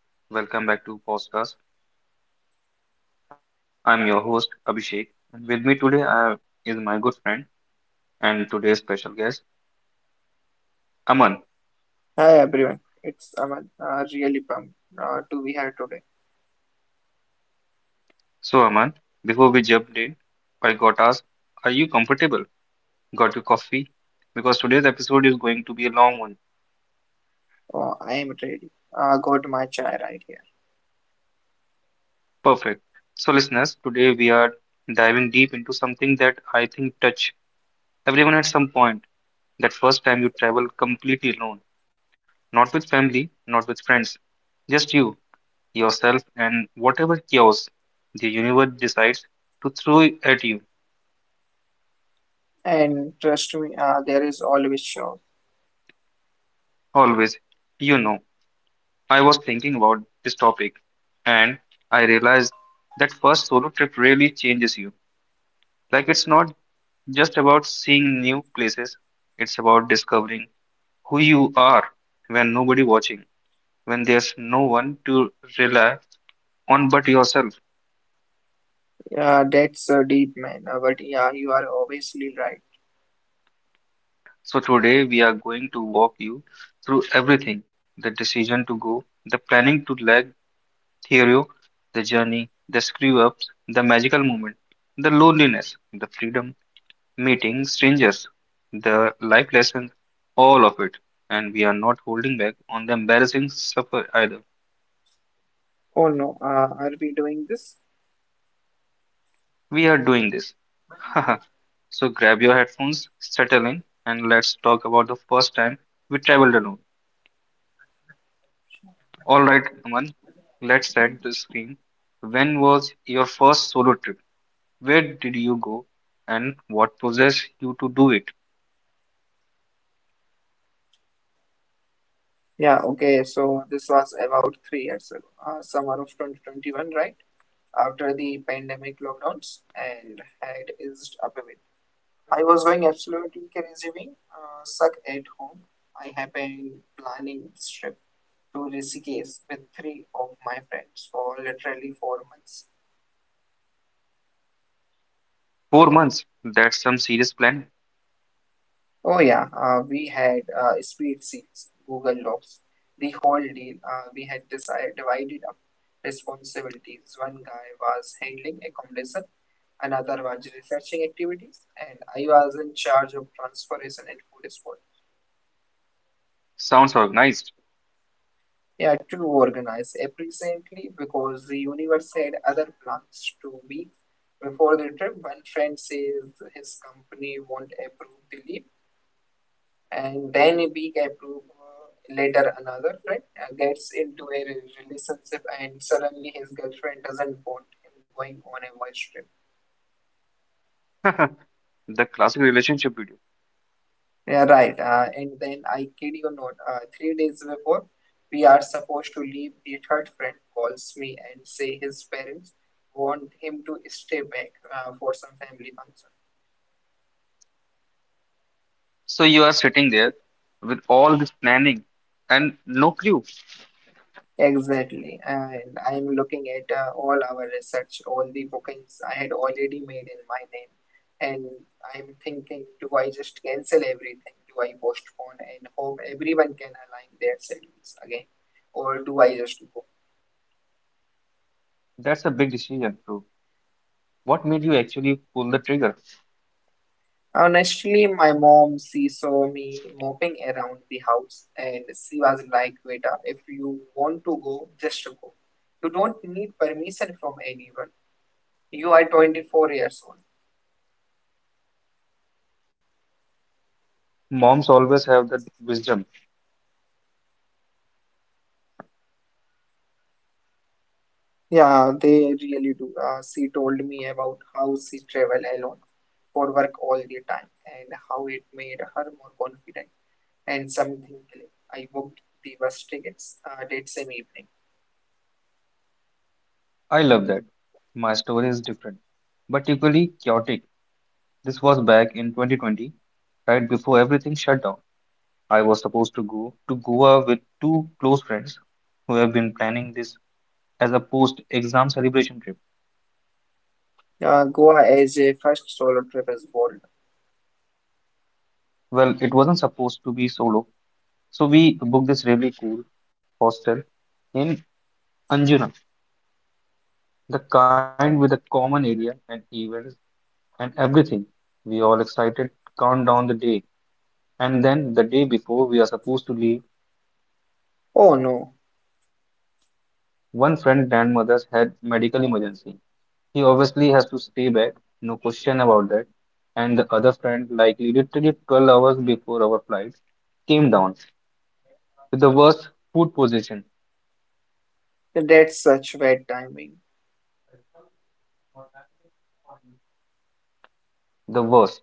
What's up, everyone? Welcome back to Podcast. I'm your host, Abhishek, and with me today is my good friend and today's special guest, Aman. Hi everyone, it's Aman. Really pumped to be here today. So, Aman, before we jump in, I got asked, are you comfortable? Got your coffee? Because today's episode is going to be a long one. Oh, I am ready. Got my chai right here. Perfect. So, listeners, today we are diving deep into something that I think touch everyone at some point. That first time you travel completely alone, not with family, not with friends, just you yourself, and whatever chaos the universe decides to throw at you. And trust me, there is always show. Always, you know, I was thinking about this topic and I realized that first solo trip really changes you. Like, it's not just about seeing new places, it's about discovering who you are when nobody watching, when there's no one to rely on but yourself. That's a deep man. But yeah, you are obviously right. So today we are going to walk you through everything, the decision to go, the planning to lag Theo, the journey, the screw ups, the magical moment, the loneliness, the freedom, meeting strangers, the life lessons, all of it. And we are not holding back on the embarrassing suffer either. Oh no, are we doing this? We are doing this. So grab your headphones, settle in, and let's talk about the first time we traveled alone. Alright, Aman, let's set the screen. When was your first solo trip? Where did you go? And what possessed you to do it? Yeah, okay. So this was about 3 years ago, summer of 2021, right? After the pandemic lockdowns and had eased up a bit. I was going absolutely crazy, being suck at home. I have been planning this trip to Rishikesh with three of my friends for literally 4 months. 4 months? That's some serious plan. Oh yeah, we had speed seats, Google Docs, the whole deal. We had decided, divided up responsibilities. One guy was handling accommodation, another was researching activities, and I was in charge of transportation and food. Sounds organized. Yeah, to organize efficiently, because the universe had other plans 2 weeks before the trip. One friend says his company won't approve the leave, and then a week approve later another friend gets into a relationship, and suddenly his girlfriend doesn't want him going on a voyage trip. The classic relationship video. Yeah, right. And then I kid you not, 3 days before, we are supposed to leave. The third friend calls me and say his parents want him to stay back for some family function. So you are sitting there with all this planning and no clue. Exactly. And I'm looking at all our research, all the bookings I had already made in my name. And I'm thinking, do I just cancel everything? Do I postpone and hope everyone can align their schedules again? Or do I just go? That's a big decision, bro. What made you actually pull the trigger? Honestly, my mom, she saw me moping around the house, and she was like, Veda, if you want to go, just go. You don't need permission from anyone. You are 24 years old. Moms always have that wisdom. Yeah, they really do. She told me about how she travel alone for work all the time, and how it made her more confident, and something clicked. I booked the bus tickets that same evening. I love that. My story is different, but equally chaotic. This was back in 2020, right before everything shut down. I was supposed to go to Goa with two close friends who have been planning this as a post-exam celebration trip. Goa as a first solo trip is bold. Well, it wasn't supposed to be solo, so we booked this really cool hostel in Anjunan, the kind with a common area and events and everything. We all excited, count down the day, and then the day before we are supposed to leave, Oh no. one friend grandmother's had medical emergency. He obviously has to stay back, no question about that. And the other friend, likely literally 12 hours before our flight, came down with the worst food poisoning. That's such bad timing. The worst.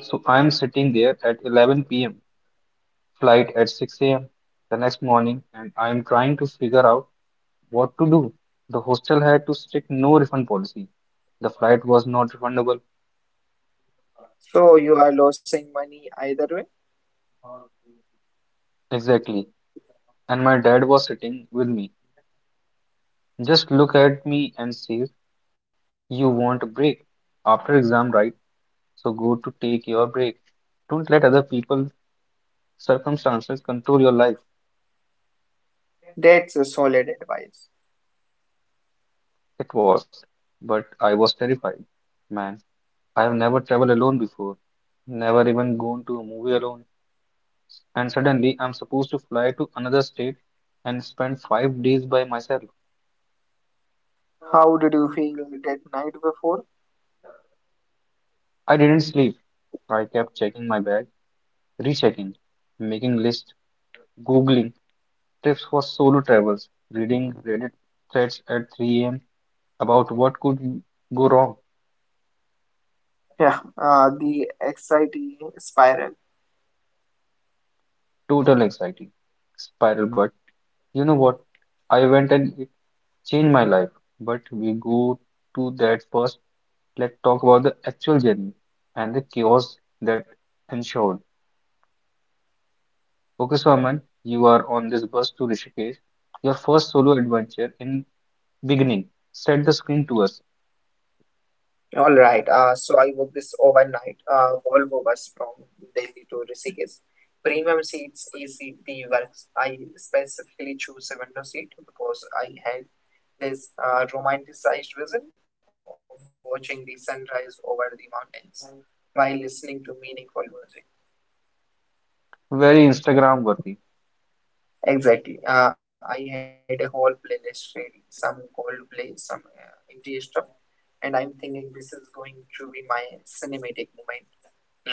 So I'm sitting there at 11 p.m., flight at 6 a.m. the next morning, and I'm trying to figure out what to do. The hostel had to strict no refund policy. The flight was not refundable. So you are losing money either way. Exactly. And my dad was sitting with me. Just look at me and says, you want a break after exam, right? So go to take your break. Don't let other people's circumstances control your life. That's a solid advice. It was, but I was terrified. Man, I have never traveled alone before, never even gone to a movie alone, and suddenly I'm supposed to fly to another state and spend 5 days by myself. How did you feel that night before? I didn't sleep. I kept checking my bag, rechecking, making lists, googling tips for solo travels, reading Reddit threads at 3 a.m. about what could go wrong. Yeah, the anxiety spiral. Total anxiety. Spiral, but you know what? I went and changed my life. But we go to that first. Let's talk about the actual journey and the chaos that ensured. Okay, so Aman, you are on this bus to Rishikesh. Your first solo adventure in beginning set the screen to us. All right. So I booked this overnight Volvo bus from Delhi to Rishikesh. Premium seats. Easy, the works. I specifically choose a window seat, because I had this romanticized vision of watching the sunrise over the mountains while listening to meaningful music. Very Instagram worthy, Exactly. I had a whole playlist ready, some Coldplay, some indie stuff, and I'm thinking this is going to be my cinematic moment. Right.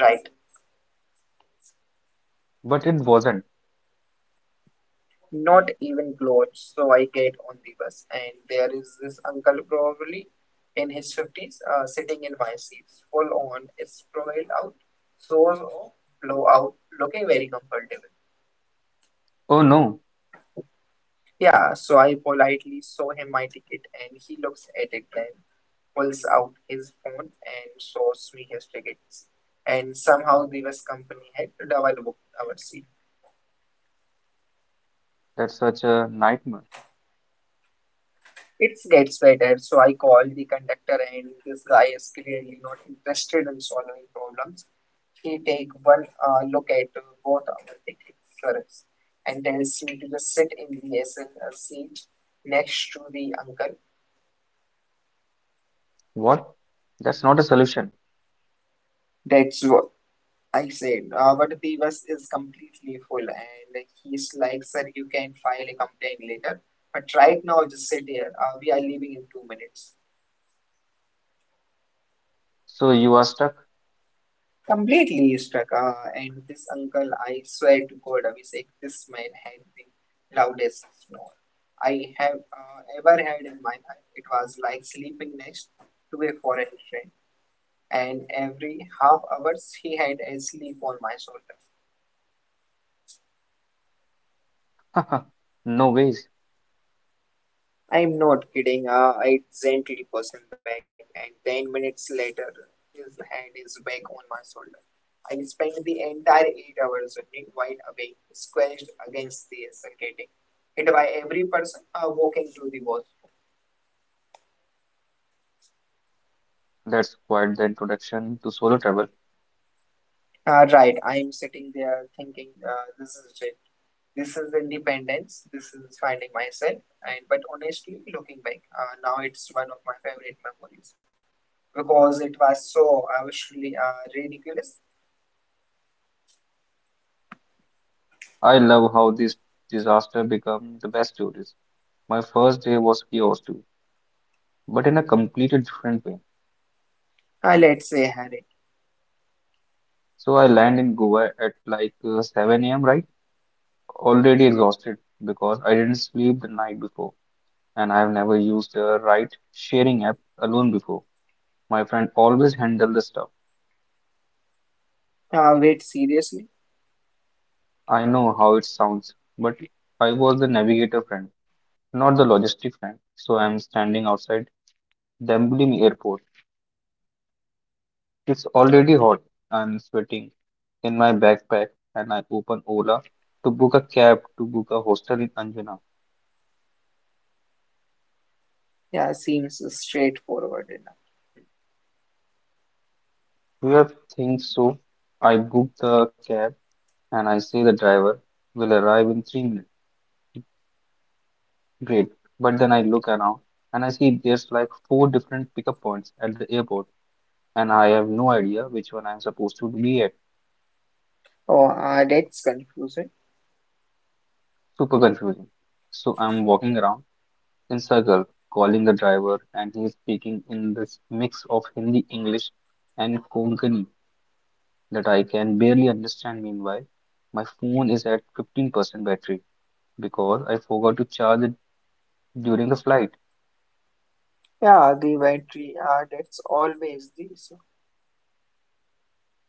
but it wasn't. Not even clothes. So I get on the bus, and there is this uncle, probably in his 50s, sitting in my seat, full on, his profile out, so blow out, looking very comfortable. Oh no, Yeah, so I politely show him my ticket, and he looks at it, then pulls out his phone and shows me his tickets. And somehow the bus company had double booked our seat. that's such a nightmare. It gets better. So I called the conductor, and this guy is clearly not interested in solving problems. He take one look at both our tickets and tells me to just sit in the SL seat next to the uncle. What? That's not a solution. That's what I said. But the bus is completely full, and he's like, sir, you can file a complaint later. But right now, just sit here. We are leaving in 2 minutes. So you are stuck? Completely stuck. And this uncle, I swear to God, Abhishek, this man had the loudest snore I have ever had in my life. It was like sleeping next to a foreign friend, and every half hours he had a sleep on my shoulder. No ways. I'm not kidding. I gently pushed him back, and 10 minutes later, his hand is back on my shoulder. I spent the entire 8 hours running wide awake, squashed against the circuiting, hit by every person walking through the wall. That's quite the introduction to solo travel. Right, I'm sitting there thinking, this is it. This is independence. This is finding myself. And but honestly, looking back, now it's one of my favorite memories, because it was so actually ridiculous. I love how this disaster became the best stories. My first day was chaos too, but in a completely different way. Let's say Harry. So I land in Goa at like 7 a.m. right? Already exhausted because I didn't sleep the night before and I've never used a ride sharing app alone before. My friend always handled the stuff. Wait, seriously? I know how it sounds, but I was the navigator friend, not the logistic friend. So I'm standing outside the Dublin airport. It's already hot. I'm sweating in my backpack and I open Ola to book a cab to book a hostel in Anjuna. Yeah, seems straightforward enough. We have things so I book the cab and I say the driver will arrive in 3 minutes. Great. But then I look around and I see there's like four different pickup points at the airport and I have no idea which one I'm supposed to be at. Oh, that's confusing. Super confusing. So I'm walking around Insagal calling the driver, and he is speaking in this mix of Hindi, English, and Konkani that I can barely understand. Meanwhile, my phone is at 15% battery because I forgot to charge it during the flight. Yeah, the battery, that's always the issue.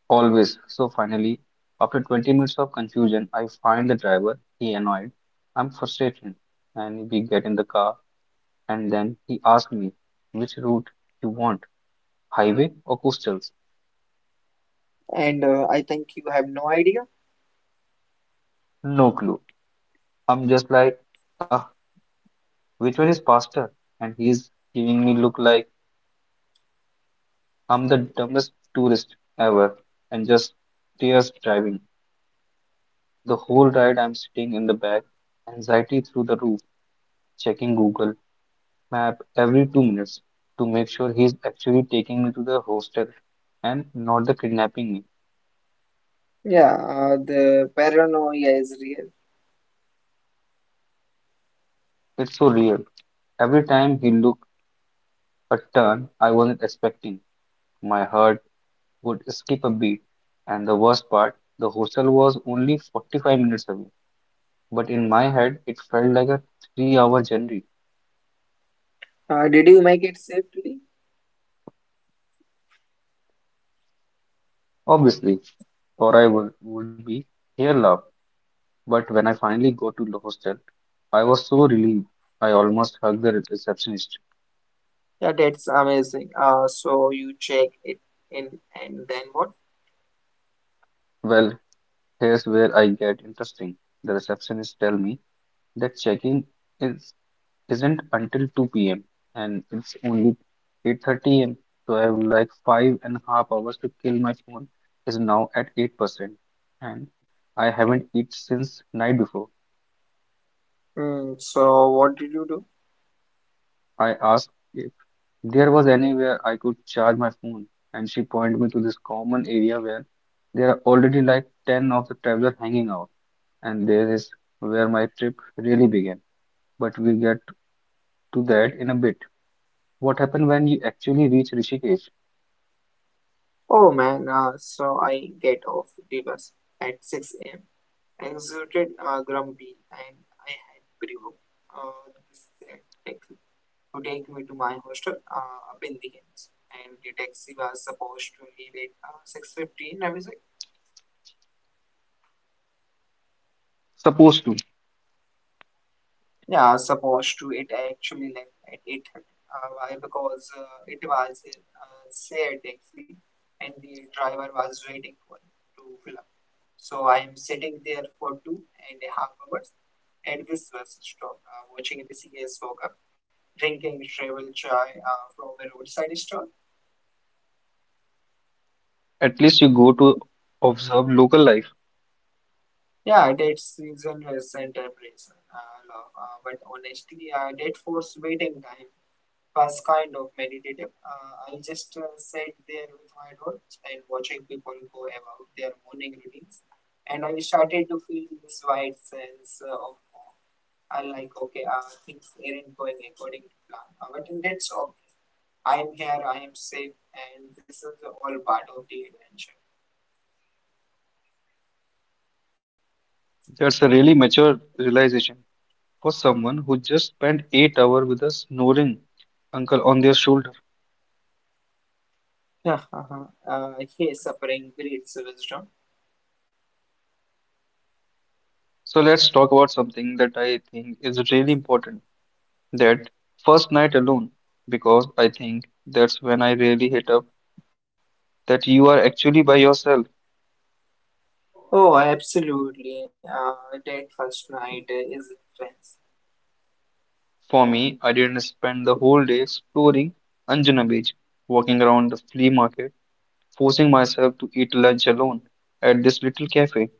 Always. So finally, after 20 minutes of confusion, I find the driver. He annoyed. I'm frustrated. And we get in the car, and then he asked me, which route you want, highway or coastals? And I think you have no idea. No clue. I'm just like, ah, which one is faster? And he's giving me look like I'm the dumbest tourist ever and just tears driving. The whole ride I'm sitting in the back, anxiety through the roof, checking Google map every 2 minutes to make sure he's actually taking me to the hostel and not the kidnapping me. Yeah, the paranoia is real. It's so real. Every time he looked a turn I wasn't expecting, my heart would skip a beat. And the worst part, the hostel was only 45 minutes away, but in my head it felt like a 3 hour journey, Did you make it safely? obviously, or I would be here love. But when I finally go to the hostel, I was so relieved. I almost hugged the receptionist. Yeah, that's amazing. So you check it in, and then what? Well, here's where I get interesting. The receptionist tell me that check-in is isn't until 2 p.m. and it's only 8:30 a.m. So I have like five and a half hours to kill. My phone is now at 8%, and I haven't eaten since night before. Hmm. So what did you do? I asked if there was anywhere I could charge my phone, and she pointed me to this common area where there are already like 10 of the travelers hanging out, and there is where my trip really began. But we'll get to that in a bit. What happened when you actually reach Rishikesh? Oh man, so I get off the bus at 6 a.m., exerted grumpy, and I had provoked this tactic to take me to my hostel up in the hills. And the taxi was supposed to leave at 6:15. I was like, Supposed to. yeah, supposed to, it actually left at 8:30. Why? Because it was a shared taxi, and the driver was waiting for it to fill. So I am sitting there for 2.5 hours at this bus stop, watching the CS World Cup, drinking travel chai from a roadside store. At least you go to observe local life. Yeah, that season has celebration, love, but honestly, that forced waiting time was kind of meditative. I just sat there with my notes and watching people go about their morning routines, and I started to feel this wide sense of I like, okay, things aren't going according to plan. But in that song, I am here, I am safe, and this is the all part of the adventure. That's a really mature realization for someone who just spent 8 hours with a snoring uncle on their shoulder. Yeah, uh-huh. Here suffering breeds wisdom. So let's talk about something that I think is really important, that first night alone, because I think that's when I really hit up that you are actually by yourself. Oh, absolutely. That first night is intense. For me, I didn't spend the whole day exploring Anjuna Beach, walking around the flea market, forcing myself to eat lunch alone at this little cafe,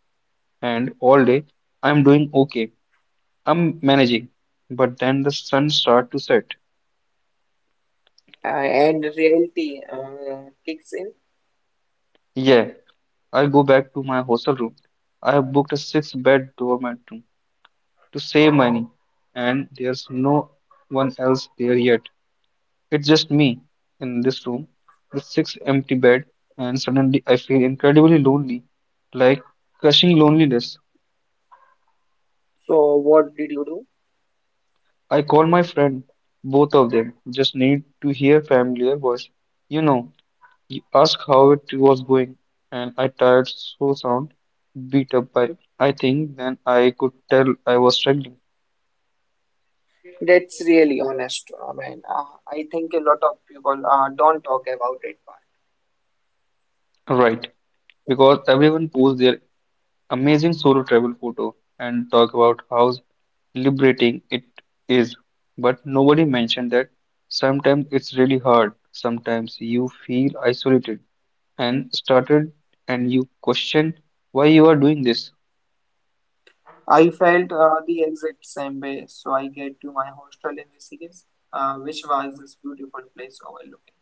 and all day I'm doing okay. I'm managing. But then the sun starts to set. And reality kicks in. Yeah, I go back to my hostel room. I have booked a six bed dormitory to save money, and there's no one else there yet. It's just me in this room with six empty bed, and suddenly I feel incredibly lonely, like crushing loneliness. So, what did you do? I call my friend. Both of them just need to hear familiar voice. You know, you ask how it was going, and I tired so sound beat up by I think then I could tell I was struggling. That's really honest, man. I think a lot of people don't talk about it. Right, because everyone pours their amazing solo travel photo and talk about how liberating it is. But nobody mentioned that sometimes it's really hard. Sometimes you feel isolated and started and you question why you are doing this. I felt the exact same way, so I get to my hostel in Rishikesh, which was this beautiful place overlooking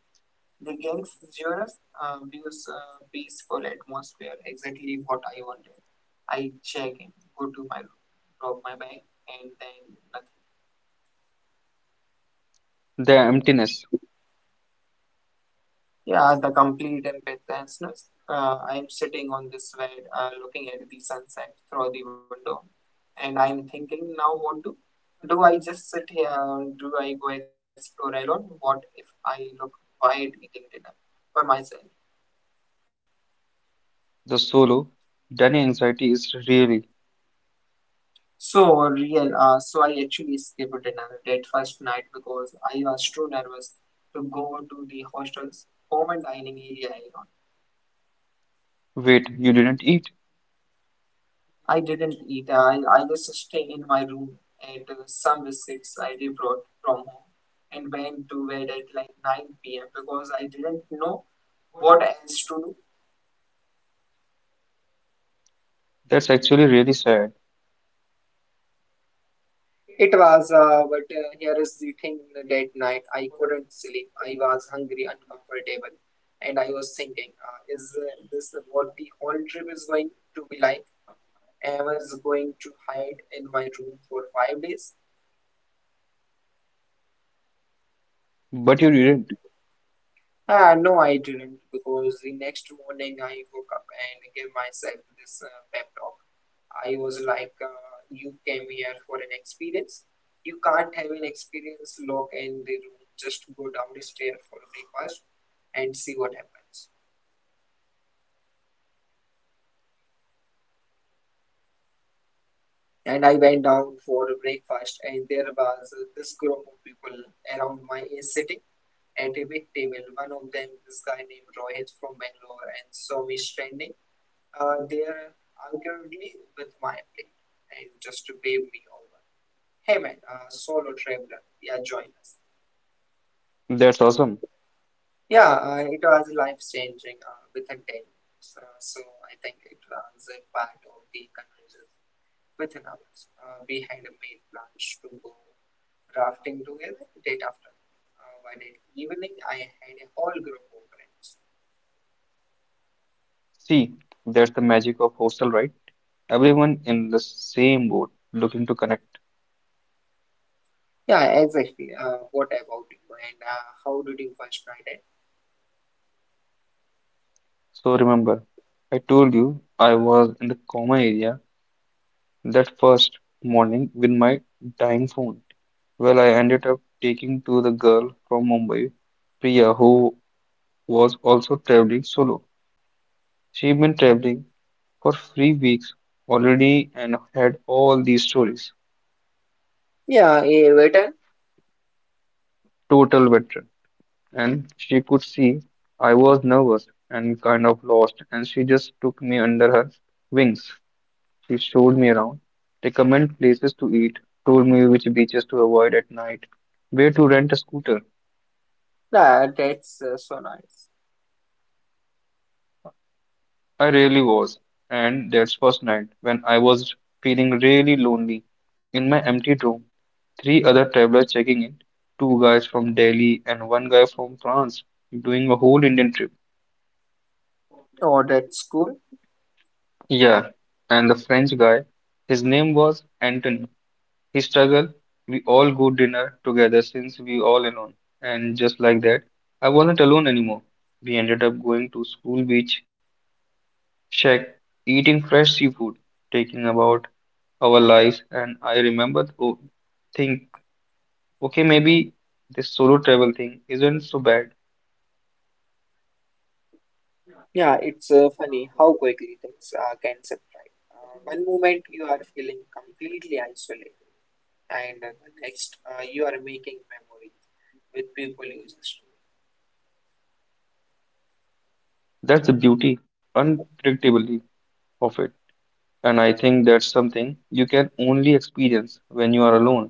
the Ganges Joras, views, peaceful atmosphere, exactly what I wanted. I check in, go to my room, drop my bag, and then the. The emptiness, Yeah, the complete empathlessness. I'm sitting on this bed, looking at the sunset through the window, and I'm thinking now what to do. I just sit here? And do I go explore alone? What if I look quiet eating dinner for myself? the solo, dining anxiety is really So real. So I actually skipped dinner that first night, because I was too nervous to go to the hostel's home and dining area alone. wait, you didn't eat. I didn't eat. I just stayed in my room at some biscuits I did brought from home, and went to bed at like 9 p.m., because I didn't know what else to do. That's actually really sad. It was, but here is the thing, that night I couldn't sleep. I was hungry, uncomfortable, and I was thinking, is this what the whole trip is going to be like? Am I just going to hide in my room for 5 days? But you didn't. Ah no, I didn't, because the next morning I woke up and gave myself this pep talk. I was like, You came here for an experience. You can't have an experience lock in the room. Just go down the stair for breakfast and see what happens. And I went down for breakfast, and there was this group of people around my age sitting at a big table. One of them, this guy named Rohit from Bangalore, and saw me standing there arguably with my play and just to wave me over. Hey man, solo traveler, yeah, join us. That's awesome. Yeah, it was life changing within 10 minutes. So I think it was a part of the conversation within hours. We had a made plans to go rafting together date after. By that evening, I had a whole group of friends. See, that's the magic of hostel, right? Everyone in the same boat looking to connect. Yeah, exactly. What about you? And how did you first night end? So remember, I told you I was in the coma area that first morning with my dying phone. Well, I ended up taking to the girl from Mumbai, Priya, who was also traveling solo. She'd been traveling for 3 weeks already and had all these stories. Yeah, it. Total veteran. And she could see I was nervous and kind of lost, and she just took me under her wings. She showed me around, recommended places to eat, told me which beaches to avoid at night, where to rent a scooter. Yeah, that's so nice. I really was. And that's first night when I was feeling really lonely. In my empty room, three other travelers checking in, two guys from Delhi and one guy from France, doing a whole Indian trip. Oh, that's cool. Yeah, and the French guy, his name was Anthony. He struggled. We all go dinner together since we all alone. And just like that, I wasn't alone anymore. We ended up going to school beach shack, eating fresh seafood, taking about our lives. And I remember think, okay, maybe this solo travel thing isn't so bad. Yeah, it's funny how quickly things can separate. One moment you are feeling completely isolated, and the next you are making memories with people you just know. That's the beauty, unpredictably of it. And I think that's something you can only experience when you are alone,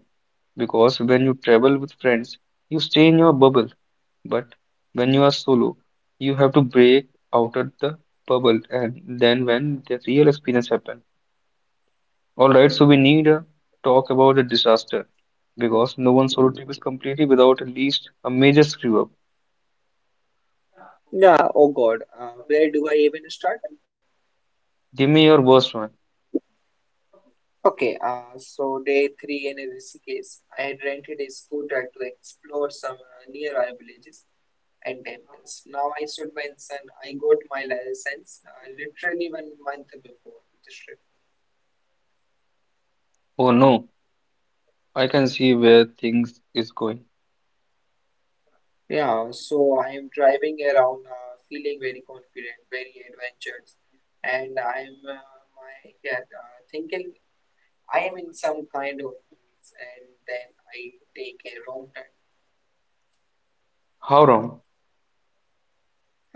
because when you travel with friends, you stay in your bubble. But when you are solo, you have to break out of the bubble, and then when the real experience happen. All right, so we need a talk about the disaster because no one solo trip is completely without at least a major screw up. Yeah, oh God, where do I even start? Give me your worst one. Okay, so day three in Rishikesh, I had rented a scooter to explore some nearby villages and temples. Now I stood once and I got my license literally one month before the trip. Oh no, I can see where things is going. Yeah, so I am driving around feeling very confident, very adventurous, and I'm thinking I am in some kind of movies, and then I take a wrong turn, How wrong?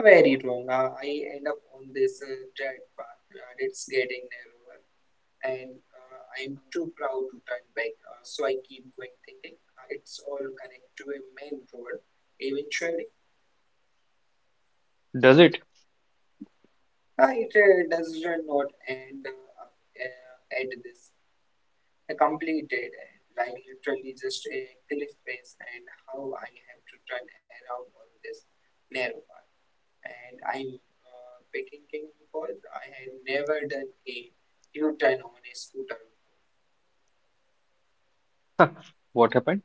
very wrong. I end up on this dirt path that's getting narrower, and I'm too proud to turn back, so I keep going thinking it's all connected to a main road. Eventually, Does it? It does not end up, at this completed, like literally just a cliff face, and how I have to turn around on this narrow path. And I'm picking, because I had never done a U-turn on a scooter. What happened?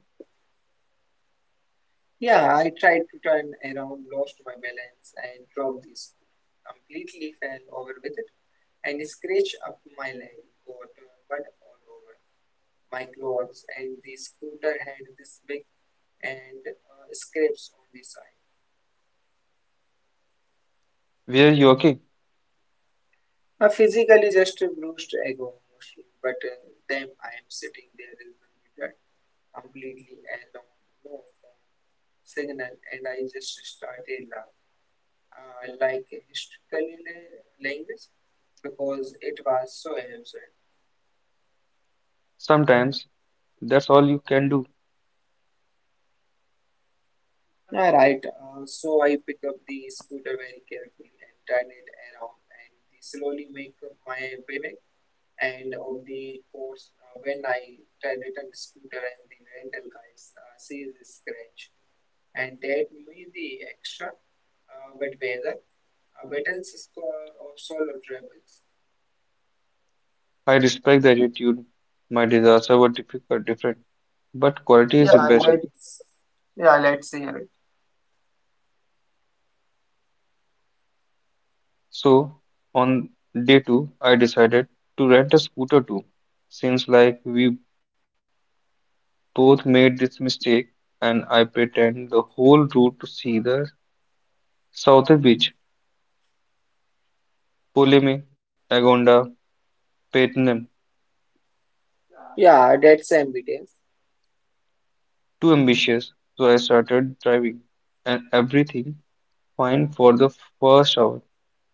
Yeah, I tried to turn around, lost my balance, and dropped this. Completely fell over with it and scratched up my leg, got mud all over my clothes, and the scooter had this big and scrapes on the side. Were you okay? I physically just bruised ego mostly, but then I am sitting there in the middle, completely alone, no phone signal, and I just started laughing. I like historical language because it was so absurd. Sometimes that's all you can do. All right, so I pick up the scooter very carefully and turn it around and slowly make my way back. And of the course, when I turn it on the scooter and the rental guys sees the scratch and that me the extra but weather, wet and score of solo travels. I respect the attitude. My disasters were difficult, different, but quality Yeah, is impressive. let's hear it. So on day two, I decided to rent a scooter too. Seems like we both made this mistake, and I pretend the whole route to see the southern beach, Poleme, Agonda, Paitnim. Yeah, that's ambitious. Too ambitious, so I started driving, and everything fine for the first hour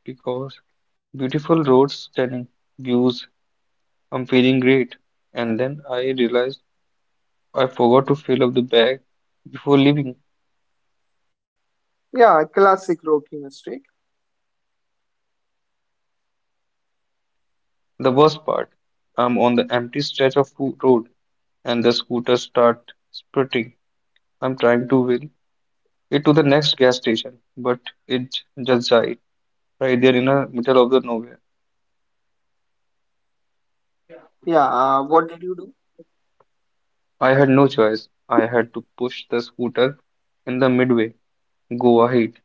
because beautiful roads, stunning views, I'm feeling great. And then I realized I forgot to fill up the bag before leaving. Yeah, classic rookie mistake. The worst part, I'm on the empty stretch of road and the scooter start sprinting. I'm trying to wheel it to the next gas station, but it just died right there in the middle of the nowhere. Yeah, what did you do? I had no choice. I had to push the scooter in the midway, go ahead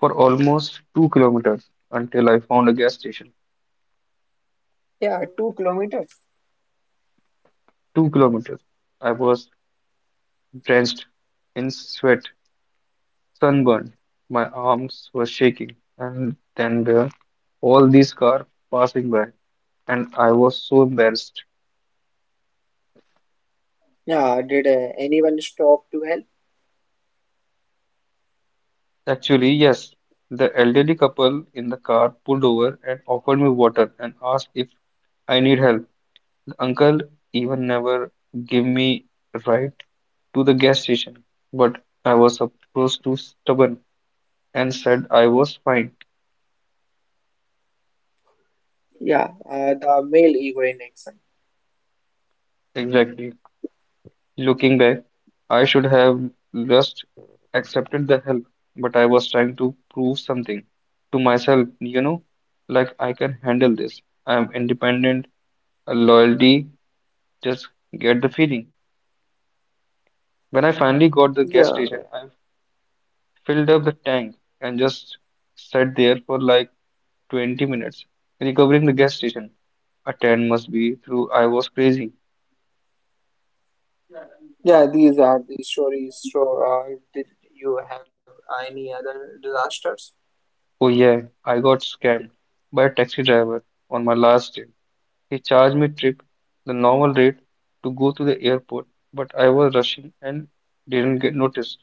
for almost 2 kilometers until I found a gas station. Yeah, 2 kilometers. 2 kilometers. I was drenched in sweat, sunburned. My arms were shaking, and then there were all these cars passing by, and I was so embarrassed. Yeah, did anyone stop to help? Actually, yes, the elderly couple in the car pulled over and offered me water and asked if I need help. The uncle even never gave me a ride to the gas station, but I was supposed to stubborn and said I was fine. Yeah, the male ego in action. Exactly. Looking back, I should have just accepted the help, but I was trying to prove something to myself, you know, like I can handle this. I am independent, a loyalty, just get the feeling. When I finally got the gas Yeah, station, I filled up the tank and just sat there for like 20 minutes, recovering the gas station. A 10 must be through I was crazy. yeah, these are the stories. So, did you have any other disasters? Oh yeah, I got scammed by a taxi driver on my last day. He charged me trip the normal rate to go to the airport, but I was rushing and didn't get noticed.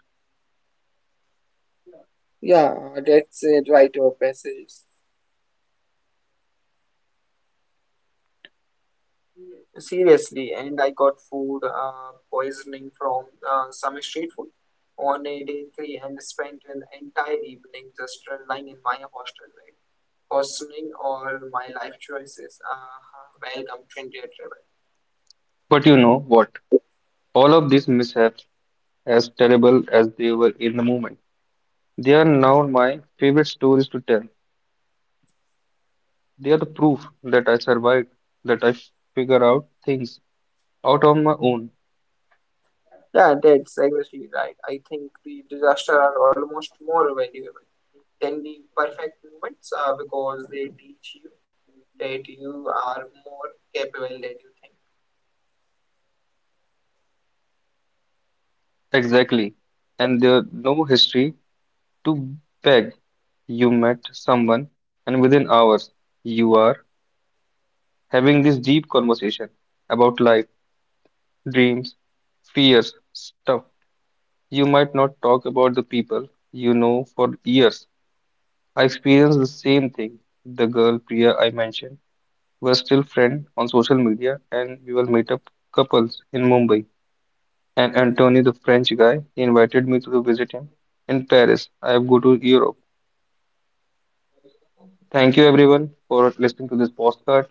Yeah, that's a rite of passage. Seriously, and I got food poisoning from some street food on a day three, and spent an entire evening just lying in my hostel bed, questioning all my life choices. Welcome to India travel. But you know what? All of these mishaps, as terrible as they were in the moment, they are now my favorite stories to tell. They are the proof that I survived, that I figure out things out on my own. Yeah, that's exactly right. I think the disaster are almost more valuable than the perfect moments because they teach you that you are more capable than you think. Exactly. And there's no history to beg. You met someone, and within hours, you are having this deep conversation about life dreams, fears, stuff. You might not talk about the people you know for years. I experienced the same thing. The girl Priya I mentioned was still friend on social media and we will meet up couples in Mumbai. And Antonio the French guy he invited me to visit him in Paris. I go to Europe. Thank you everyone for listening to this podcast.